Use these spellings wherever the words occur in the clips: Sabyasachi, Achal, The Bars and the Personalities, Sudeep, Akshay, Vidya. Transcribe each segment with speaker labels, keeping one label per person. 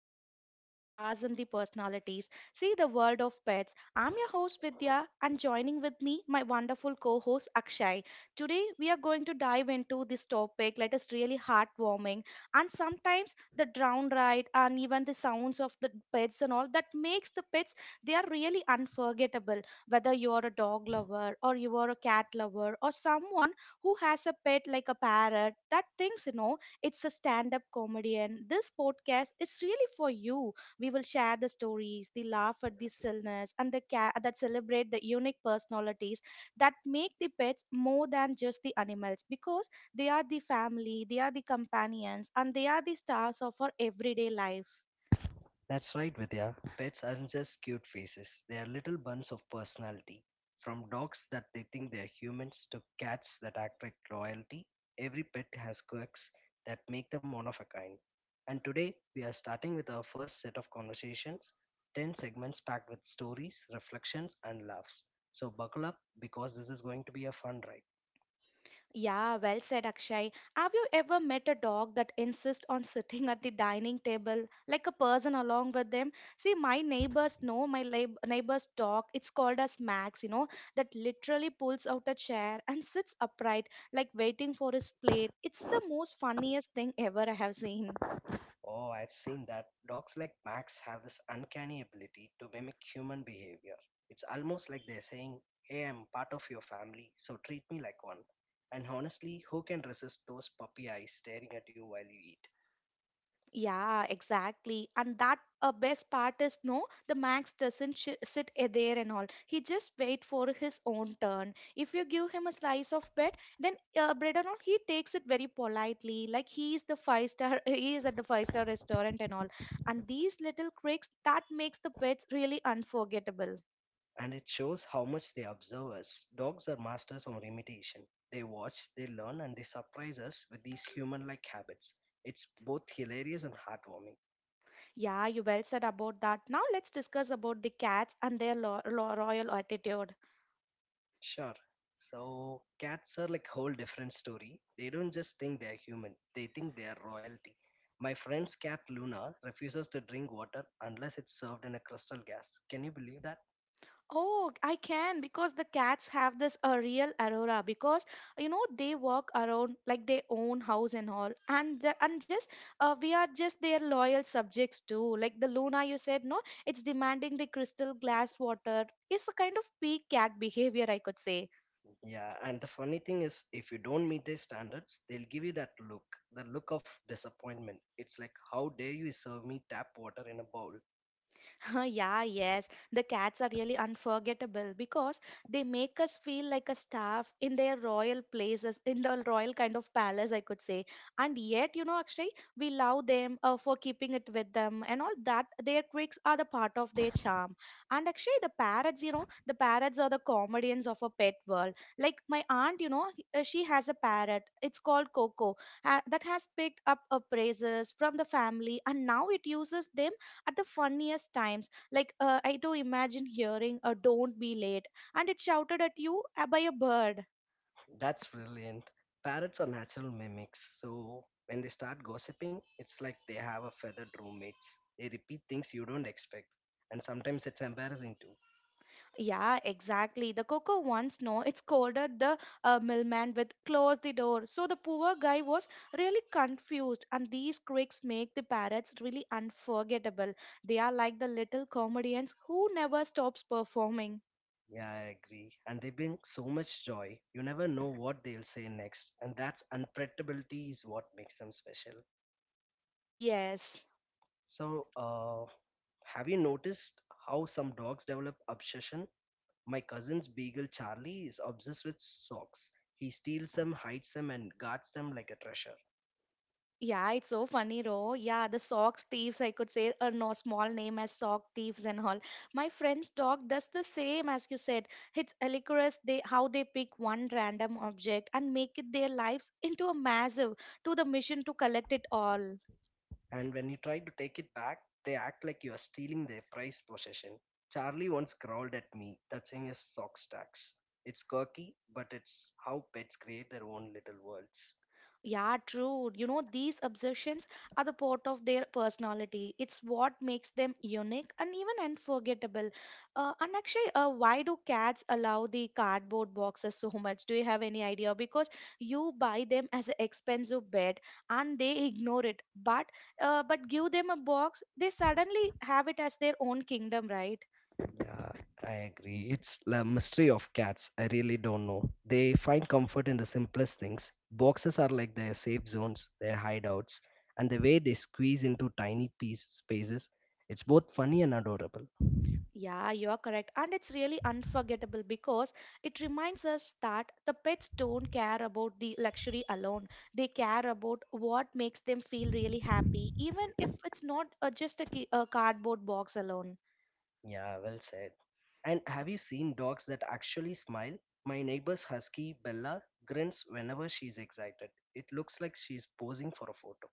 Speaker 1: our podcast, The Bars and the Personalities. See the world of pets. I'm your host, Vidya, and joining with me, my wonderful co host, Akshay. Today, we are going to dive into this topic that is really heartwarming, and sometimes the drown ride and even the sounds of the pets and all that makes the pets, they are really unforgettable. Whether you're a dog lover, or you are a cat lover, or someone who has a pet like a parrot, that things, it's a stand up comedian. This podcast is really for you. We will share the stories, the laugh at the silliness, and the cat that celebrate the unique personalities that make the pets more than just the animals because they are the family, they are the companions, and they are the stars of our everyday life.
Speaker 2: That's right, Vidya. Pets aren't just cute faces, they are little buns of personality. From dogs that they think they're humans to cats that act like royalty, every pet has quirks that make them one of a kind. And today, we are starting with our first set of conversations, 10 segments packed with stories, reflections, and laughs. So, buckle up because this is going to be a fun ride.
Speaker 1: Yeah, well said, Akshay. Have you ever met a dog that insists on sitting at the dining table like a person along with them? See, my neighbors know my neighbor's dog, it's called as Max, that literally pulls out a chair and sits upright, like waiting for his plate. It's the most funniest thing ever I have seen.
Speaker 2: Oh, I've seen that. Dogs like Max have this uncanny ability to mimic human behavior. It's almost like they're saying, "Hey, I'm part of your family, so treat me like one." And honestly, who can resist those puppy eyes staring at you while you eat?
Speaker 1: Yeah, exactly. And that best part is no, the Max doesn't sh sit there and all. He just wait for his own turn. If you give him a slice of bread, then bread and all, he takes it very politely. Like he is the five star, he is at the five-star restaurant and all. And these little quirks that makes the pets really unforgettable.
Speaker 2: And it shows how much they observe us. Dogs are masters of imitation. They watch, they learn, and they surprise us with these human like habits. It's both hilarious and heartwarming.
Speaker 1: Yeah, you well said about that. Now let's discuss about the cats and their lo lo royal attitude.
Speaker 2: Sure. So cats are like whole different story. They don't just think they're human. They think they are royalty. My friend's cat Luna refuses to drink water unless it's served in a crystal gas. Can you believe that?
Speaker 1: Oh, I can because the cats have this a real aurora because they walk around like their own house and all and just we are just their loyal subjects too, like the Luna you said no, it's demanding the crystal glass water. It's a kind of peak cat behavior, I could say.
Speaker 2: Yeah, and the funny thing is if you don't meet their standards, they'll give you that look, the look of disappointment. It's like, how dare you serve me tap water in a bowl?
Speaker 1: Huh, yeah, yes. The cats are really unforgettable because they make us feel like a staff in their royal places, in the royal kind of palace, I could say. And yet, actually, we love them for keeping it with them and all that. Their quirks are the part of their charm. And actually, the parrots, the parrots are the comedians of a pet world. Like my aunt, she has a parrot. It's called Coco, that has picked up appraises from the family, and now it uses them at the funniest times. Like, I do imagine hearing a don't be late and it shouted at you by a bird.
Speaker 2: That's brilliant. Parrots are natural mimics, so when they start gossiping, it's like they have a feathered roommates. They repeat things you don't expect, and sometimes it's embarrassing too.
Speaker 1: Yeah, exactly. The Coco once no, it scolded the millman with close the door. So the poor guy was really confused, and these quirks make the parrots really unforgettable. They are like the little comedians who never stops performing.
Speaker 2: Yeah, I agree. And they bring so much joy. You never know what they'll say next, and that's unpredictability is what makes them special.
Speaker 1: Yes.
Speaker 2: So, have you noticed how some dogs develop obsession? My cousin's beagle Charlie is obsessed with socks. He steals them, hides them, and guards them like a treasure.
Speaker 1: Yeah, it's so funny, Ro. Yeah, the socks thieves, I could say a no small name as sock thieves and all. My friend's dog does the same, as you said. It's hilarious they how they pick one random object and make it their lives into a massive to the mission to collect it all.
Speaker 2: And when you try to take it back, they act like you are stealing their prized possession. Charlie once growled at me, touching his sock stacks. It's quirky, but it's how pets create their own little worlds.
Speaker 1: Yeah, true. These obsessions are the part of their personality. It's what makes them unique and even unforgettable. And actually, why do cats allow the cardboard boxes so much? Do you have any idea? Because you buy them as an expensive bed and they ignore it. But but give them a box, they suddenly have it as their own kingdom, right?
Speaker 2: Yeah, I agree. It's the mystery of cats. I really don't know. They find comfort in the simplest things. Boxes are like their safe zones, their hideouts, and the way they squeeze into tiny piece spaces, it's both funny and adorable.
Speaker 1: Yeah, you are correct. And it's really unforgettable because it reminds us that the pets don't care about the luxury alone. They care about what makes them feel really happy, even if it's not just a, a cardboard box alone.
Speaker 2: Yeah, well said. And have you seen dogs that actually smile? My neighbor's husky, Bella, grins whenever she's excited. It looks like she's posing for a photo.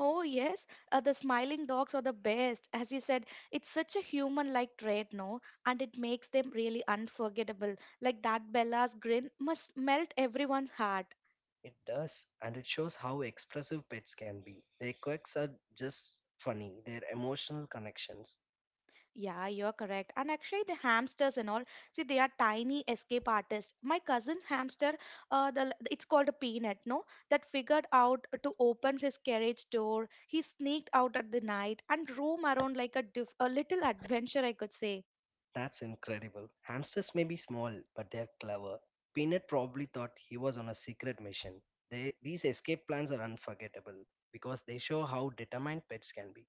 Speaker 1: Oh, yes, the smiling dogs are the best. As you said, it's such a human like trait, no? And it makes them really unforgettable. Like that Bella's grin must melt everyone's heart.
Speaker 2: It does, and it shows how expressive pets can be. Their quirks are just funny, their emotional connections.
Speaker 1: Yeah, you're correct. And actually, the hamsters and all, see, they are tiny escape artists. My cousin's hamster, it's called a peanut, no, that figured out to open his carriage door. He sneaked out at the night and roam around like a diff a little adventure, I could say.
Speaker 2: That's incredible. Hamsters may be small, but they're clever. Peanut probably thought he was on a secret mission. These escape plans are unforgettable because they show how determined pets can be.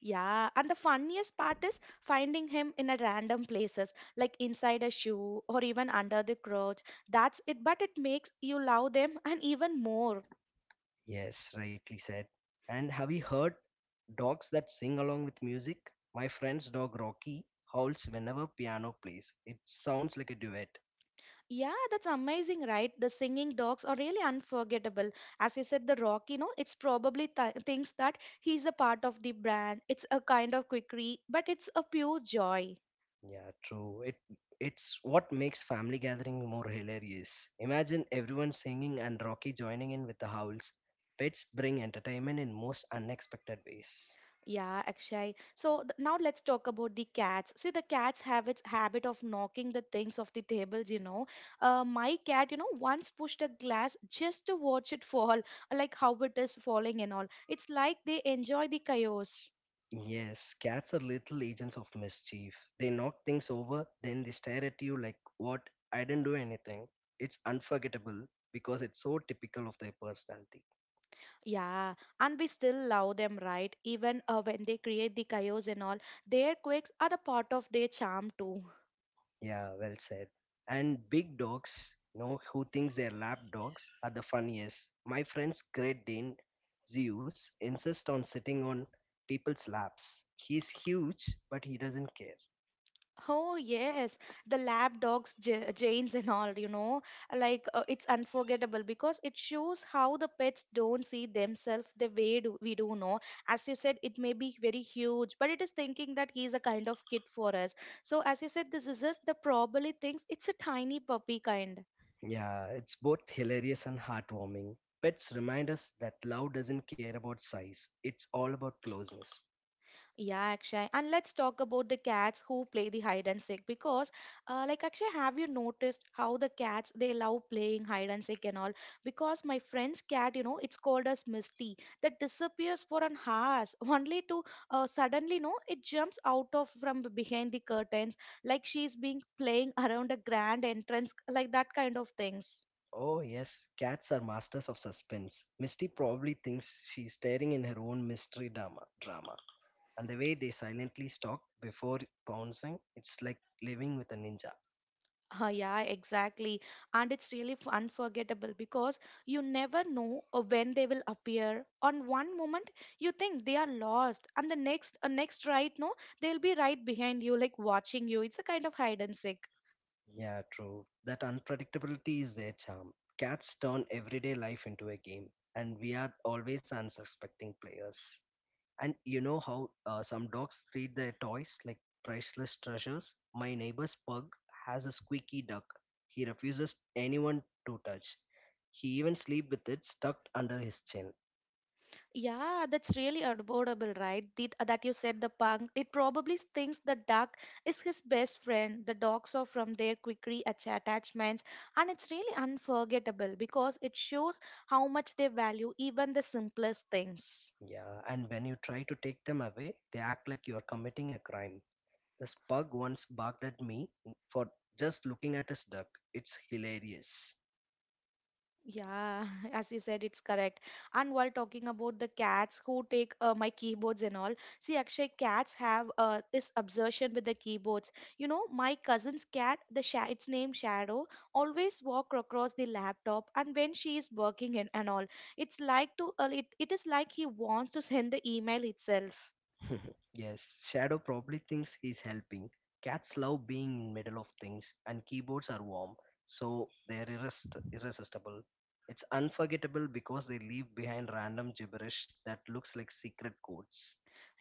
Speaker 1: Yeah, and the funniest part is finding him in a random places, like inside a shoe or even under the couch. That's it, but it makes you love them and even more.
Speaker 2: Yes, rightly said. And have you heard dogs that sing along with music? My friend's dog Rocky howls whenever piano plays. It sounds like a duet.
Speaker 1: Yeah, that's amazing, right? The singing dogs are really unforgettable. As I said, the rock, it's probably thinks that he's a part of the brand. It's a kind of quickie, but it's a pure joy.
Speaker 2: Yeah, true. It's what makes family gathering more hilarious. Imagine everyone singing and Rocky joining in with the howls. Pets bring entertainment in most unexpected ways.
Speaker 1: Yeah, Akshay. So now let's talk about the cats. See, the cats have its habit of knocking the things off the tables, my cat, once pushed a glass just to watch it fall, like how it is falling and all. It's like they enjoy the chaos.
Speaker 2: Yes, cats are little agents of mischief. They knock things over, then they stare at you like, "What? I didn't do anything." It's unforgettable because it's so typical of their personality.
Speaker 1: Yeah, and we still love them, right? Even when they create the chaos and all, their quakes are the part of their charm too.
Speaker 2: Yeah, well said. And big dogs, you know, who thinks they're lap dogs, are the funniest. My friend's Great Dane, Zeus, insists on sitting on people's laps. He's huge, but he doesn't care.
Speaker 1: Oh yes, the lab dogs, Janes and all, like it's unforgettable because it shows how the pets don't see themselves the way do, we do know. As you said, it may be very huge, but it is thinking that he's a kind of kid for us. So as you said, this is just the probably thinks it's a tiny puppy kind.
Speaker 2: Yeah, it's both hilarious and heartwarming. Pets remind us that love doesn't care about size, it's all about closeness.
Speaker 1: Yeah, Akshay. And let's talk about the cats who play the hide and seek because, like Akshay, have you noticed how the cats they love playing hide and seek and all? Because my friend's cat, it's called as Misty, that disappears for an hours only to suddenly, no, it jumps out of from behind the curtains like she's being playing around a grand entrance, like that kind of things.
Speaker 2: Oh, yes, cats are masters of suspense. Misty probably thinks she's staring in her own mystery drama. And the way they silently stalk before pouncing, it's like living with a ninja.
Speaker 1: Yeah, exactly. And it's really unforgettable because you never know when they will appear. On one moment, you think they are lost, and the next, next right, no, they'll be right behind you, like watching you. It's a kind of hide and seek.
Speaker 2: Yeah, true. That unpredictability is their charm. Cats turn everyday life into a game, and we are always unsuspecting players. And you know how some dogs treat their toys like priceless treasures? My neighbor's pug has a squeaky duck. He refuses anyone to touch. He even sleeps with it stuck under his chin.
Speaker 1: Yeah, that's really adorable, right? That you said the punk. It probably thinks the duck is his best friend. The dogs are from their quickie attachments, and it's really unforgettable because it shows how much they value even the simplest things.
Speaker 2: Yeah, and when you try to take them away, they act like you are committing a crime. This pug once barked at me for just looking at his duck. It's hilarious.
Speaker 1: Yeah, as you said, it's correct. And while talking about the cats who take my keyboards and all, see, actually, cats have this obsession with the keyboards. My cousin's cat, the its name Shadow, always walk across the laptop, and when she is working and all, it's like to it is like he wants to send the email itself.
Speaker 2: Yes, Shadow probably thinks he's helping. Cats love being in middle of things, and keyboards are warm, so they're irresistible. It's unforgettable because they leave behind random gibberish that looks like secret codes.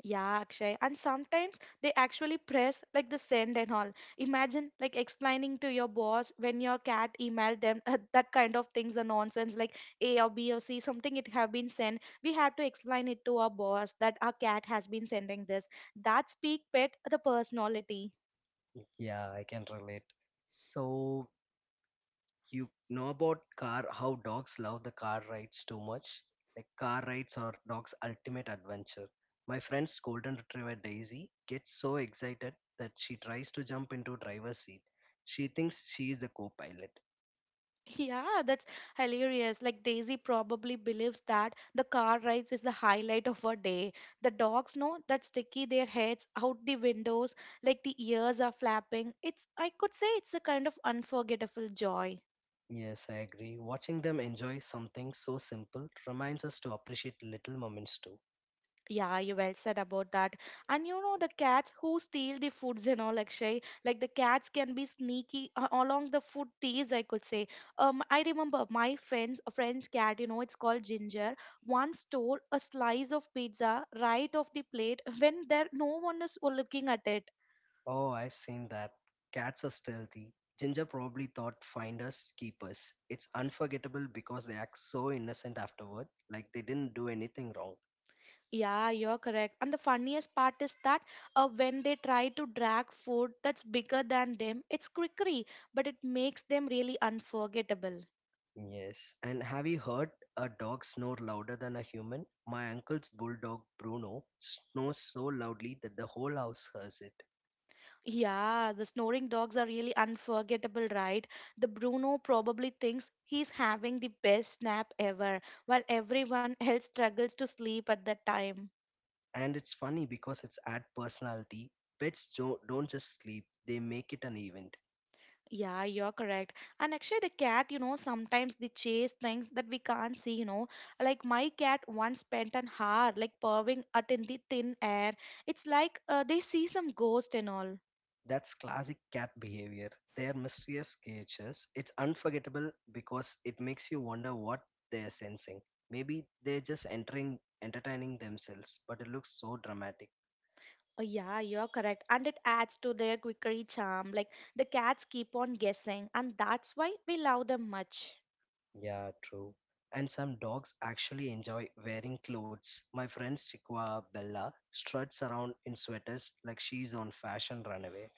Speaker 1: Yeah, Akshay. And sometimes they actually press like the send and all. Imagine like explaining to your boss when your cat emailed them that kind of things are nonsense like A or B or C, something it have been sent. We have to explain it to our boss that our cat has been sending this. That speak pet the personality.
Speaker 2: Yeah, I can relate. So you know about car how dogs love the car rides too much, like car rides are dogs ultimate adventure. My friend's golden retriever Daisy gets so excited that she tries to jump into driver's seat. She thinks she is the co-pilot.
Speaker 1: Yeah, that's hilarious. Like Daisy probably believes that the car rides is the highlight of her day. The dogs know that sticky their heads out the windows, like the ears are flapping. It's I could say it's a kind of unforgettable joy.
Speaker 2: Yes, I agree. Watching them enjoy something so simple reminds us to appreciate little moments too.
Speaker 1: Yeah, you well said about that. And you know the cats who steal the foods and all, Akshay. Like the cats can be sneaky along the food thieves, I could say. I remember my friend's cat. It's called Ginger. Once stole a slice of pizza right off the plate when there no one is looking at it.
Speaker 2: Oh, I've seen that. Cats are stealthy. Ginger probably thought finders keepers. It's unforgettable because they act so innocent afterward, like they didn't do anything wrong.
Speaker 1: Yeah, you're correct. And the funniest part is that when they try to drag food that's bigger than them, it's crickery, but it makes them really unforgettable.
Speaker 2: Yes. And have you heard a dog snore louder than a human? My uncle's bulldog, Bruno, snores so loudly that the whole house hears it.
Speaker 1: Yeah, the snoring dogs are really unforgettable, right? The Bruno probably thinks he's having the best nap ever, while everyone else struggles to sleep at that time.
Speaker 2: And it's funny because it's add personality. Pets don't just sleep, they make it an event.
Speaker 1: Yeah, you're correct. And actually, the cat, sometimes they chase things that we can't see, Like my cat once spent an hour, like purring at in the thin air. It's like they see some ghost and all.
Speaker 2: That's classic cat behavior. Their mysterious creatures. It's unforgettable because it makes you wonder what they're sensing. Maybe they're just entertaining themselves, but it looks so dramatic.
Speaker 1: Oh, yeah, you're correct. And it adds to their quickery charm. Like the cats keep on guessing, and that's why we love them much.
Speaker 2: Yeah, true. And some dogs actually enjoy wearing clothes. My friend Chiqua Bella struts around in sweaters like she's on fashion runaway.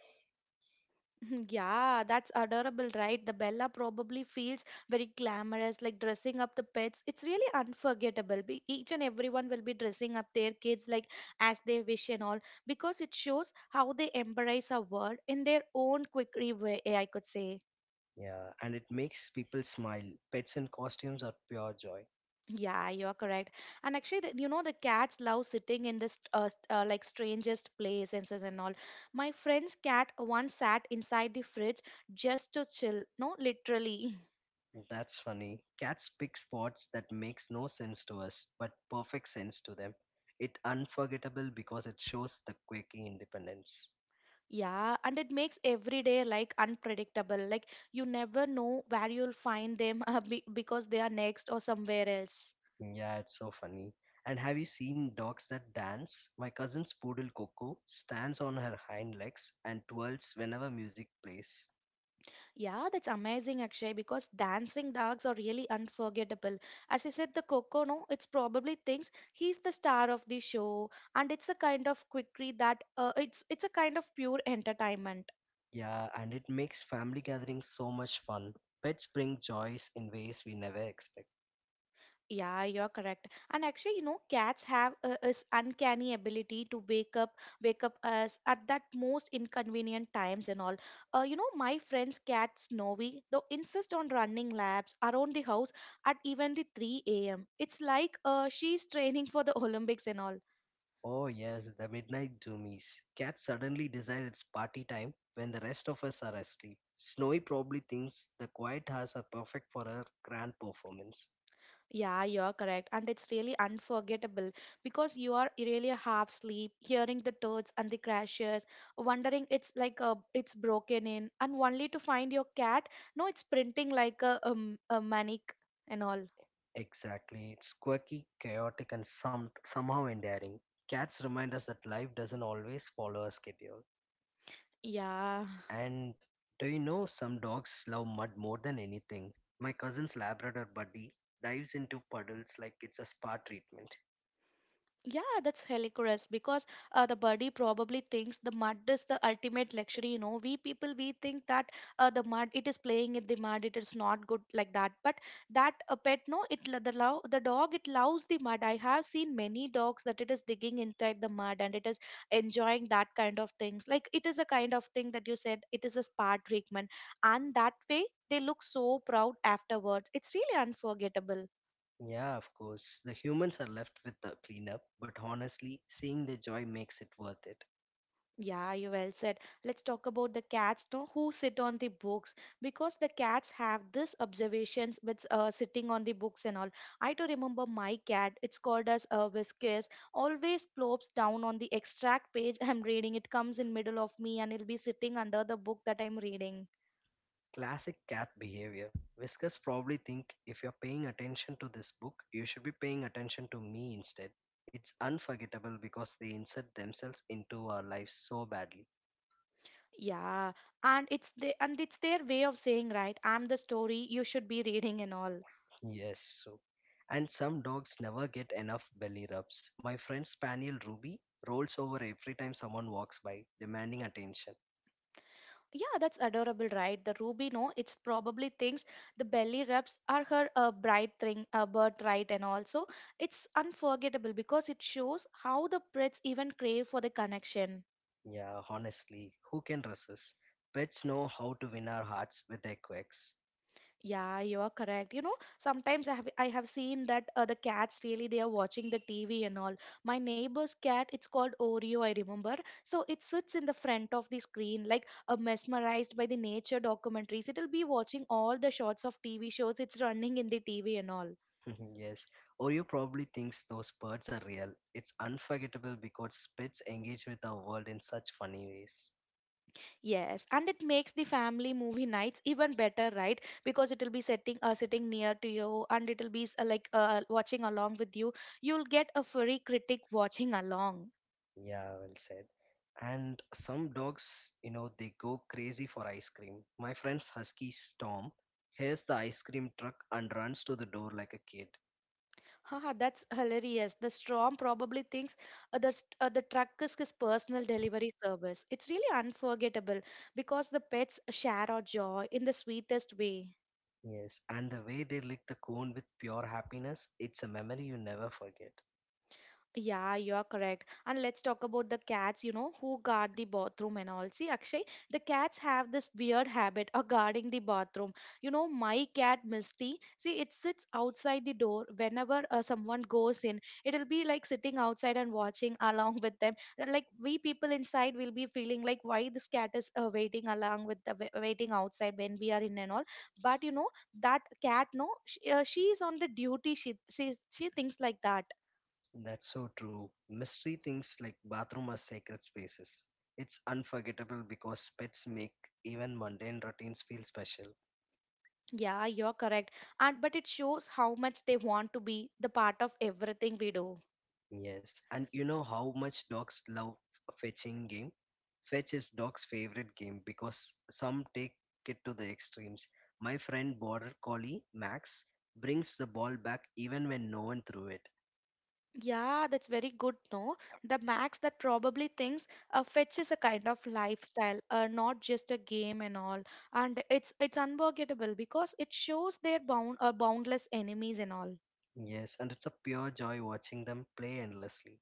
Speaker 1: Yeah, that's adorable, right? The Bella probably feels very glamorous, like dressing up the pets. It's really unforgettable. Each and everyone will be dressing up their kids like as they wish and all because it shows how they embrace a world in their own quickery way, I could say.
Speaker 2: Yeah, and it makes people smile. Pets in costumes are pure joy.
Speaker 1: Yeah, you're correct. And actually, the cats love sitting in this like strangest places and all. My friend's cat once sat inside the fridge just to chill. No, literally.
Speaker 2: That's funny. Cats pick spots that makes no sense to us, but perfect sense to them. It unforgettable because it shows the quick independence.
Speaker 1: Yeah, and it makes every day like unpredictable. Like you never know where you'll find them be because they are next or somewhere else.
Speaker 2: Yeah, it's so funny. And have you seen dogs that dance? My cousin's poodle Coco stands on her hind legs and twirls whenever music plays.
Speaker 1: Yeah, that's amazing, Akshay, because dancing dogs are really unforgettable. As you said, the Coco, no, it's probably thinks he's the star of the show, and it's a kind of quickie that it's a kind of pure entertainment.
Speaker 2: Yeah, and it makes family gatherings so much fun. Pets bring joys in ways we never expect.
Speaker 1: Yeah, you're correct. And actually, you know, cats have this uncanny ability to wake up us at that most inconvenient times and all. You know, my friend's cat Snowy, though insists on running laps around the house at even the 3 a.m. It's like she's training for the Olympics and all.
Speaker 2: Oh, yes, the midnight zoomies. Cat suddenly decides it's party time when the rest of us are asleep. Snowy probably thinks the quiet hours are perfect for her grand performance.
Speaker 1: Yeah, you're correct. And it's really unforgettable because you are really half asleep, hearing the turds and the crashes, wondering it's like a, it's broken in, and only to find your cat. No, it's printing like a manic and all.
Speaker 2: Exactly. It's quirky, chaotic, and somehow endearing. Cats remind us that life doesn't always follow a schedule.
Speaker 1: Yeah.
Speaker 2: And do you know some dogs love mud more than anything? My cousin's Labrador buddy dives into puddles like it's a spa treatment.
Speaker 1: Yeah, that's hilarious because the body probably thinks the mud is the ultimate luxury. You know, we people we think that the mud it is playing in the mud, it is not good like that. But that pet, no, the love the dog it loves the mud. I have seen many dogs that it is digging inside the mud and it is enjoying that kind of things. Like it is a kind of thing that you said it is a spa treatment, and that way they look so proud afterwards. It's really unforgettable.
Speaker 2: Yeah, of course. The humans are left with the cleanup, but honestly, seeing the joy makes it worth it.
Speaker 1: Yeah, you well said. Let's talk about the cats, no, who sit on the books because the cats have this observations with sitting on the books and all. I do remember my cat. It's called as Whiskers. Always plops down on the extract page I'm reading. It comes in middle of me and it'll be sitting under the book that I'm reading.
Speaker 2: Classic cat behavior. Whiskers probably think, if you're paying attention to this book, you should be paying attention to me instead. It's unforgettable because they insert themselves into our lives so badly.
Speaker 1: Yeah, and it's their way of saying, right? I'm the story you should be reading and all.
Speaker 2: Yes, so. And some dogs never get enough belly rubs. My friend Spaniel Ruby rolls over every time someone walks by, demanding attention.
Speaker 1: Yeah, that's adorable, right? The ruby, no, it's probably thinks the belly rubs are her birthright, and also it's unforgettable because it shows how the pets even crave for the connection.
Speaker 2: Yeah, honestly, who can resist? Pets know how to win our hearts with their quacks.
Speaker 1: Yeah, you are correct. You know, sometimes I have seen that the cats really they are watching the TV and all. My neighbor's cat, it's called Oreo, I remember. So it sits in the front of the screen like mesmerized by the nature documentaries. It'll be watching all the shots of TV shows it's running in the TV and all.
Speaker 2: Yes, Oreo probably thinks those birds are real. It's unforgettable because pets engage with our world in such funny ways.
Speaker 1: Yes, and it makes the family movie nights even better, right? Because it'll be sitting near to you, and it'll be like watching along with you. You'll get a furry critic watching along.
Speaker 2: Yeah, well said. And some dogs, you know, they go crazy for ice cream. My friend's husky Storm hears the ice cream truck and runs to the door like a kid.
Speaker 1: Haha, that's hilarious. The Strom probably thinks the truck is his personal delivery service. It's really unforgettable because the pets share our joy in the sweetest way.
Speaker 2: Yes, and the way they lick the cone with pure happiness, it's a memory you never forget.
Speaker 1: Yeah, you are correct. And let's talk about the cats, you know, who guard the bathroom and all. See, Akshay, the cats have this weird habit of guarding the bathroom. You know, my cat, Misty, see, it sits outside the door whenever someone goes in. It'll be like sitting outside and watching along with them. And, like, we people inside will be feeling like why this cat is waiting along with the wa- waiting outside when we are in and all. But, you know, that cat, no, she's on the duty. She thinks like that.
Speaker 2: That's so true. Mystery things like bathroom are sacred spaces. It's unforgettable because pets make even mundane routines feel special.
Speaker 1: Yeah, you're correct. And but it shows how much they want to be the part of everything we do.
Speaker 2: Yes, and you know how much dogs love fetching game? Fetch is dog's favorite game because some take it to the extremes. My friend Border Collie, Max, brings the ball back even when no one threw it.
Speaker 1: Yeah, that's very good. No, the Max that probably thinks a fetch is a kind of lifestyle, not just a game and all. And it's unforgettable because it shows their boundless enemies and all.
Speaker 2: Yes, and it's a pure joy watching them play endlessly.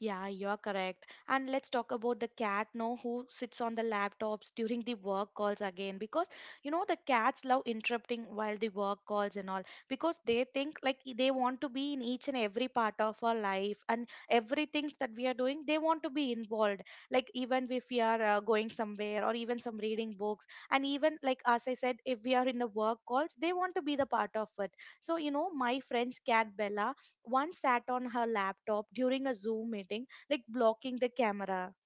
Speaker 1: Yeah, you're correct. And let's talk about the cat now who sits on the laptops during the work calls again because you know the cats love interrupting while the work calls and all because they think they want to be in each and every part of our life and everything that we are doing they want to be involved like even if we are going somewhere or even some reading books and even like as I said if we are in the work calls they want to be the part of it. So you know my friend's cat Bella one sat on her laptop during a Zoom meeting, like blocking the camera.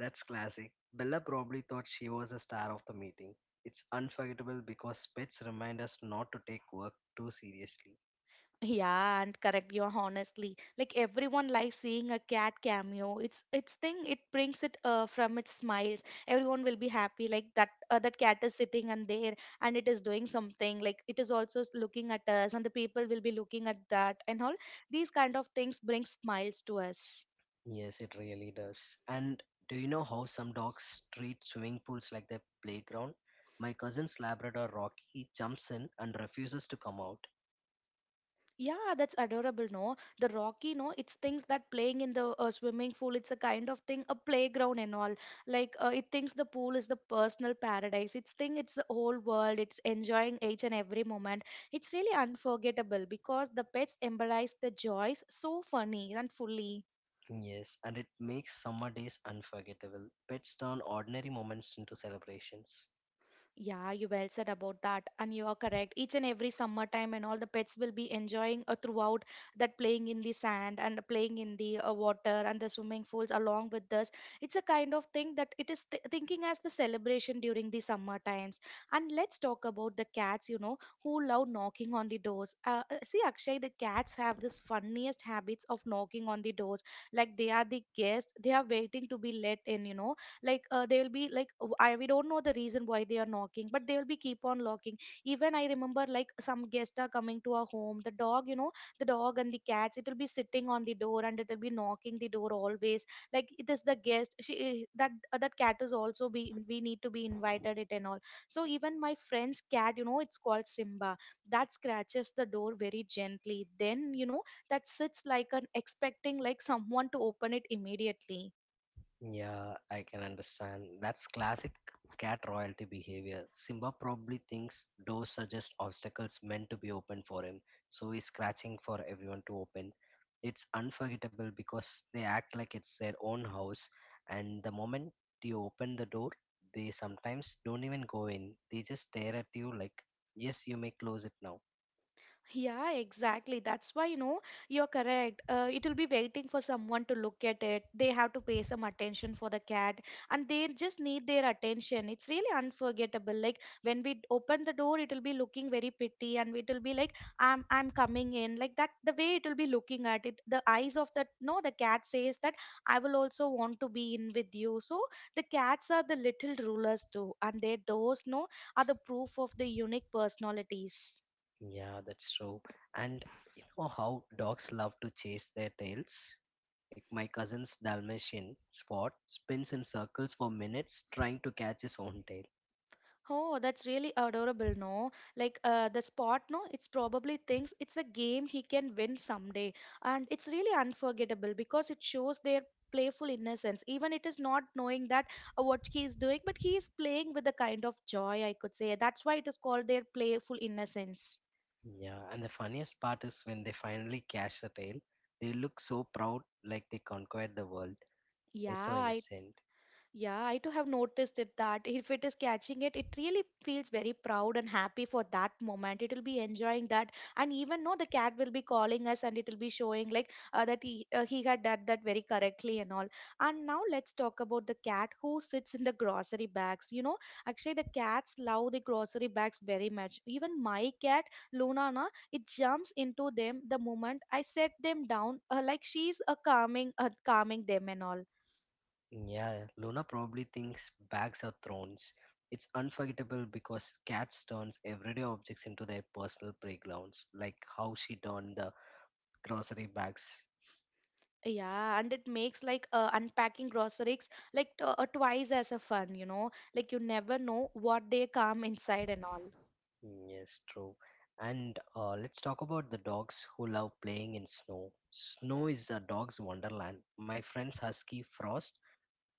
Speaker 2: That's classic. Bella probably thought she was a star of the meeting. It's unforgettable because pets remind us not to take work too seriously.
Speaker 1: Yeah, and correct you honestly. Like everyone likes seeing a cat cameo. It's its thing. It brings it from its smiles. Everyone will be happy. Like that cat is sitting and there, and it is doing something. Like it is also looking at us, and the people will be looking at that and all. These kind of things bring smiles to us.
Speaker 2: Yes, it really does. And do you know how some dogs treat swimming pools like their playground? My cousin's Labrador Rocky jumps in and refuses to come out.
Speaker 1: Yeah, that's adorable, no? The Rocky, no? It's things that playing in the swimming pool, it's a kind of thing, a playground and all. Like, it thinks the pool is the personal paradise. It's think it's the whole world. It's enjoying each and every moment. It's really unforgettable because the pets embodies the joys so funny and fully.
Speaker 2: Yes, and it makes summer days unforgettable. Pets turn ordinary moments into celebrations.
Speaker 1: Yeah, you well said about that, and you are correct. Each and every summertime, and all the pets will be enjoying throughout that playing in the sand and playing in the water and the swimming pools along with us. It's a kind of thing that it is thinking as the celebration during the summer times. And let's talk about the cats, you know, who love knocking on the doors. See, Akshay, the cats have this funniest habits of knocking on the doors, like they are the guests, they are waiting to be let in, you know like they'll be like w- I we don't know the reason why they are knocking, but they'll be keep on locking. Even I remember like some guests are coming to our home. The dog, you know, the dog and the cats, it'll be sitting on the door and it'll be knocking the door always. Like it is the guest. She eh, that That cat is also be we need to be invited it and all. So even my friend's cat, you know, it's called Simba. That scratches the door very gently. Then you know that sits like an expecting like someone to open it immediately.
Speaker 2: Yeah, I can understand. That's classic cat royalty behavior. Simba probably thinks doors are just obstacles meant to be opened for him, so he's scratching for everyone to open. It's unforgettable because they act like it's their own house, and the moment you open the door, they sometimes don't even go in. They just stare at you like, "Yes, you may close it now."
Speaker 1: Yeah, exactly. That's why, you know, you're correct. It will be waiting for someone to look at it. They have to pay some attention for the cat and they just need their attention. It's really unforgettable. Like when we open the door, it will be looking very pretty and it will be like, I'm coming in. Like that, the way it will be looking at it, the eyes of that, no, the cat says that I will also want to be in with you. So the cats are the little rulers too, and their doors, no, are the proof of the unique personalities.
Speaker 2: Yeah, that's true. And you know how dogs love to chase their tails? Like my cousin's Dalmatian spot spins in circles for minutes trying to catch his own tail.
Speaker 1: Oh, that's really adorable, no? Like the spot, no? It's probably thinks it's a game he can win someday. And it's really unforgettable because it shows their playful innocence. Even it is not knowing that what he is doing, but he is playing with a kind of joy, I could say. That's why it is called their playful innocence.
Speaker 2: Yeah, and the funniest part is when they finally catch the tail, they look so proud like they conquered the world.
Speaker 1: Yeah,
Speaker 2: They're so
Speaker 1: I
Speaker 2: innocent.
Speaker 1: Yeah, I too have noticed it that if it is catching it, it really feels very proud and happy for that moment. It will be enjoying that, and even no, the cat will be calling us, and it will be showing like that he had done that very correctly and all. And now let's talk about the cat who sits in the grocery bags. You know, actually the cats love the grocery bags very much. Even my cat Luna, na, it jumps into them the moment I set them down, like she's calming calming them and all.
Speaker 2: Yeah, Luna probably thinks bags are thrones. It's unforgettable because cats turns everyday objects into their personal playgrounds, like how she turned the grocery bags.
Speaker 1: Yeah, and it makes like unpacking groceries like twice as a fun, you know. Like you never know what they come inside and all.
Speaker 2: Yes, true. And let's talk about the dogs who love playing in snow. Snow is a dog's wonderland. My friend's husky Frost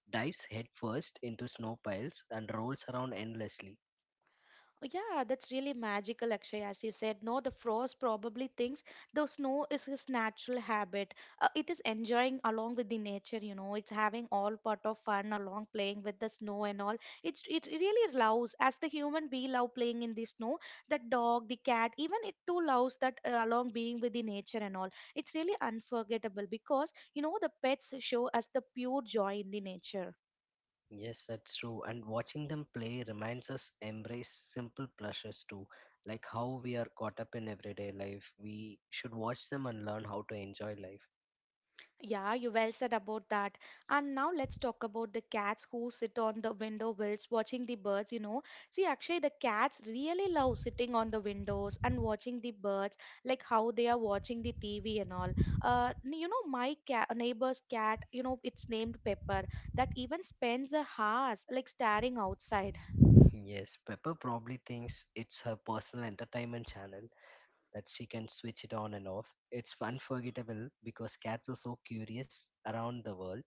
Speaker 2: dives headfirst into snow piles and rolls around endlessly.
Speaker 1: Yeah, that's really magical, Akshay. As you said, no, the frost probably thinks the snow is his natural habit. It is enjoying along with the nature, you know. It's having all part of fun along playing with the snow and all. It really loves. As the human, we love playing in the snow. The dog, the cat, even it too loves that along being with the nature and all. It's really unforgettable because you know the pets show us the pure joy in the nature.
Speaker 2: Yes, that's true. And watching them play reminds us embrace simple pleasures too, like how we are caught up in everyday life. We should watch them and learn how to enjoy life.
Speaker 1: Yeah, you well said about that. And now let's talk about the cats who sit on the window wells watching the birds, you know. See, actually, the cats really love sitting on the windows and watching the birds, like how they are watching the TV and all. My cat, neighbor's cat, you know, it's named Pepper, that even spends a hours like staring outside.
Speaker 2: Yes, Pepper probably thinks it's her personal entertainment channel, that she can switch it on and off. It's unforgettable because cats are so curious around the world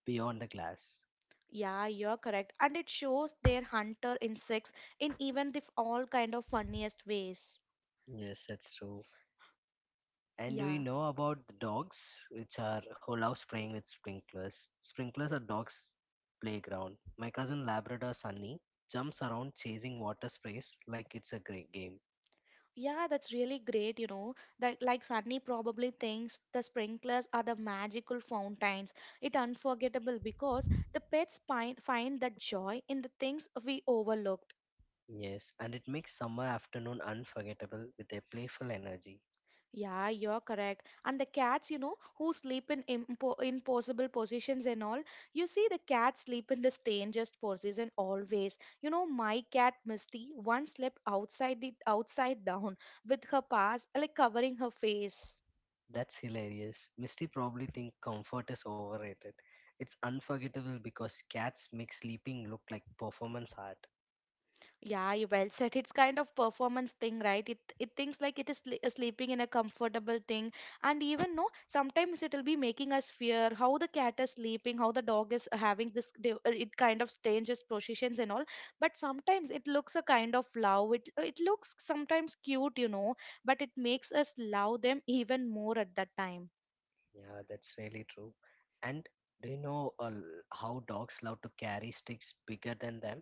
Speaker 2: beyond the glass.
Speaker 1: Yeah, you're correct. And it shows their hunter insects in even the all kind of funniest ways.
Speaker 2: Yes, that's true. And do you
Speaker 1: Yeah.
Speaker 2: know about the dogs, which are who love spraying with sprinklers? Sprinklers are dogs' playground. My cousin Labrador Sunny jumps around chasing water sprays like it's a great game.
Speaker 1: Yeah, that's really great, you know. That like Sunny probably thinks the sprinklers are the magical fountains. It unforgettable because the pets find that joy in the things we overlooked.
Speaker 2: Yes, and it makes summer afternoon unforgettable with their playful energy.
Speaker 1: Yeah, you're correct. And the cats, you know, who sleep in impossible positions and all. You see, the cats sleep in the strangest position always. You know, my cat Misty once slept outside the outside down with her paws like covering her face.
Speaker 2: That's hilarious. Misty probably think comfort is overrated. It's unforgettable because cats make sleeping look like performance art.
Speaker 1: Yeah, you well said. It's kind of performance thing, right? It thinks like it is sleeping in a comfortable thing, and even no, sometimes it'll be making us fear how the cat is sleeping, how the dog is having this. It kind of changes positions and all. But sometimes it looks a kind of love. It looks sometimes cute, you know, but it makes us love them even more at that time.
Speaker 2: Yeah, that's really true. And do you know how dogs love to carry sticks bigger than them?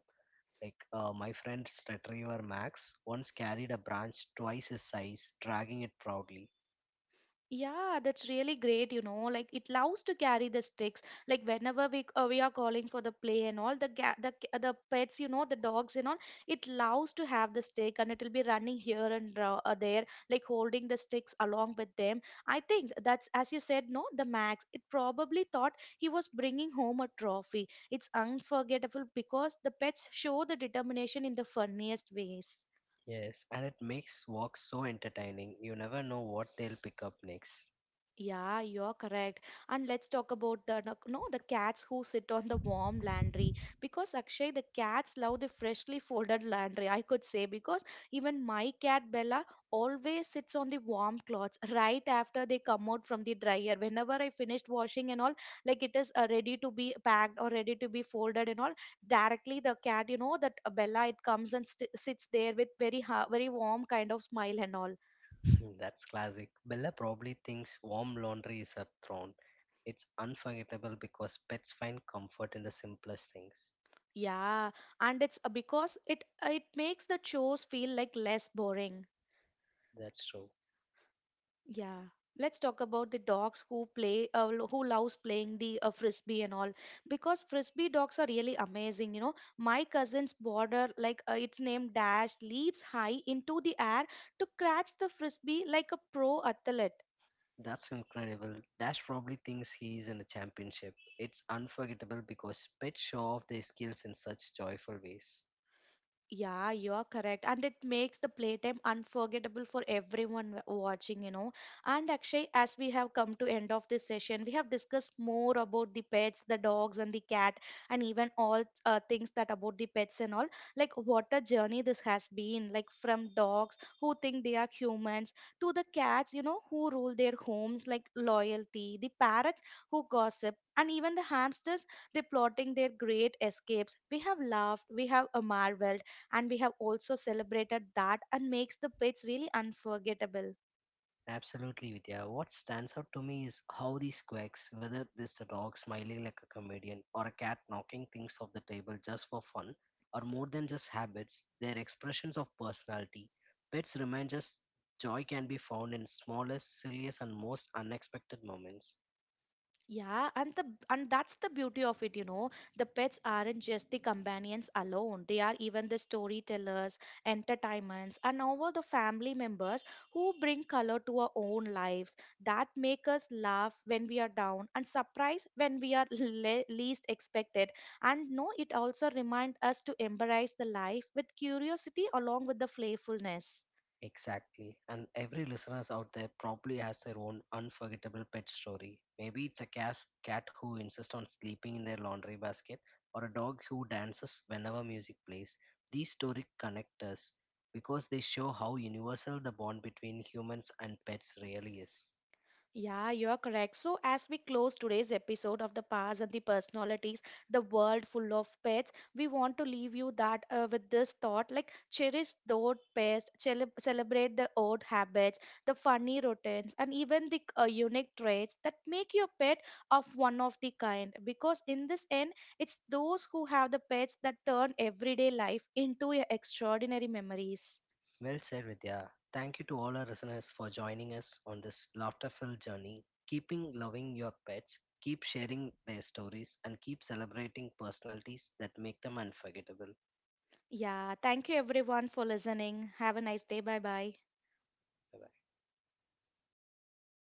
Speaker 2: Like my friend's retriever Max once carried a branch twice his size, dragging it proudly.
Speaker 1: Yeah, that's really great, you know. Like it loves to carry the sticks. Like whenever we are calling for the play and all the pets, you know, the dogs and all, it loves to have the stick and it'll be running here and there, like holding the sticks along with them. I think that's as you said, no, the Max. It probably thought he was bringing home a trophy. It's unforgettable because the pets show the determination in the funniest ways.
Speaker 2: Yes, and it makes walks so entertaining. You never know what they'll pick up next.
Speaker 1: Yeah, you're correct. And let's talk about the no, no, the cats who sit on the warm laundry because Akshay, the cats love the freshly folded laundry. I could say because even my cat Bella always sits on the warm clothes right after they come out from the dryer. Whenever I finished washing and all, like it is ready to be packed or ready to be folded and all, directly the cat, you know, that Bella it comes and st sits there with very warm kind of smile and all.
Speaker 2: Mm, that's classic. Bella probably thinks warm laundry is her throne. It's unforgettable because pets find comfort in the simplest things.
Speaker 1: Yeah, and it's because it makes the chores feel like less boring.
Speaker 2: That's true.
Speaker 1: Yeah. Let's talk about the dogs who play who loves playing the frisbee and all because frisbee dogs are really amazing, you know. My cousin's border like its name Dash leaps high into the air to catch the frisbee like a pro athlete.
Speaker 2: That's incredible. Dash probably thinks he's in a championship. It's unforgettable because pets show off their skills in such joyful ways.
Speaker 1: Yeah, you are correct. And it makes the playtime unforgettable for everyone watching, you know. And actually, as we have come to end of this session, we have discussed more about the pets, the dogs and the cat, and even all things that about the pets and all. Like what a journey this has been, like from dogs who think they are humans to the cats, you know, who rule their homes, like loyalty, the parrots who gossip, and even the hamsters, they plotting their great escapes. We have laughed, we have marveled and we have also celebrated that and makes the pets really unforgettable.
Speaker 2: Absolutely, Vidya. What stands out to me is how these quirks, whether this a dog smiling like a comedian or a cat knocking things off the table just for fun, are more than just habits, they're expressions of personality. Pets remind us joy can be found in smallest, silliest, and most unexpected moments.
Speaker 1: Yeah, and the and that's the beauty of it, you know, the pets aren't just the companions alone, they are even the storytellers, entertainments and all the family members who bring color to our own lives, that make us laugh when we are down and surprise when we are least expected. And no, it also reminds us to embrace the life with curiosity along with the playfulness.
Speaker 2: Exactly. And every listeners out there probably has their own unforgettable pet story. Maybe it's a cat who insists on sleeping in their laundry basket or a dog who dances whenever music plays. These stories connect us because they show how universal the bond between humans and pets really is.
Speaker 1: Yeah, you are correct. So, as we close today's episode of the past and the personalities, the world full of pets, we want to leave you that with this thought like, cherish the old pets, celebrate the old habits, the funny routines, and even the unique traits that make your pet of one of the kind. Because in this end, it's those who have the pets that turn everyday life into your extraordinary memories.
Speaker 2: Well said, Vidya. Thank you to all our listeners for joining us on this laughter filled journey. Keeping loving your pets, keep sharing their stories, and keep celebrating personalities that make them unforgettable.
Speaker 1: Yeah, thank you everyone for listening. Have a nice day. Bye bye.
Speaker 2: Bye bye.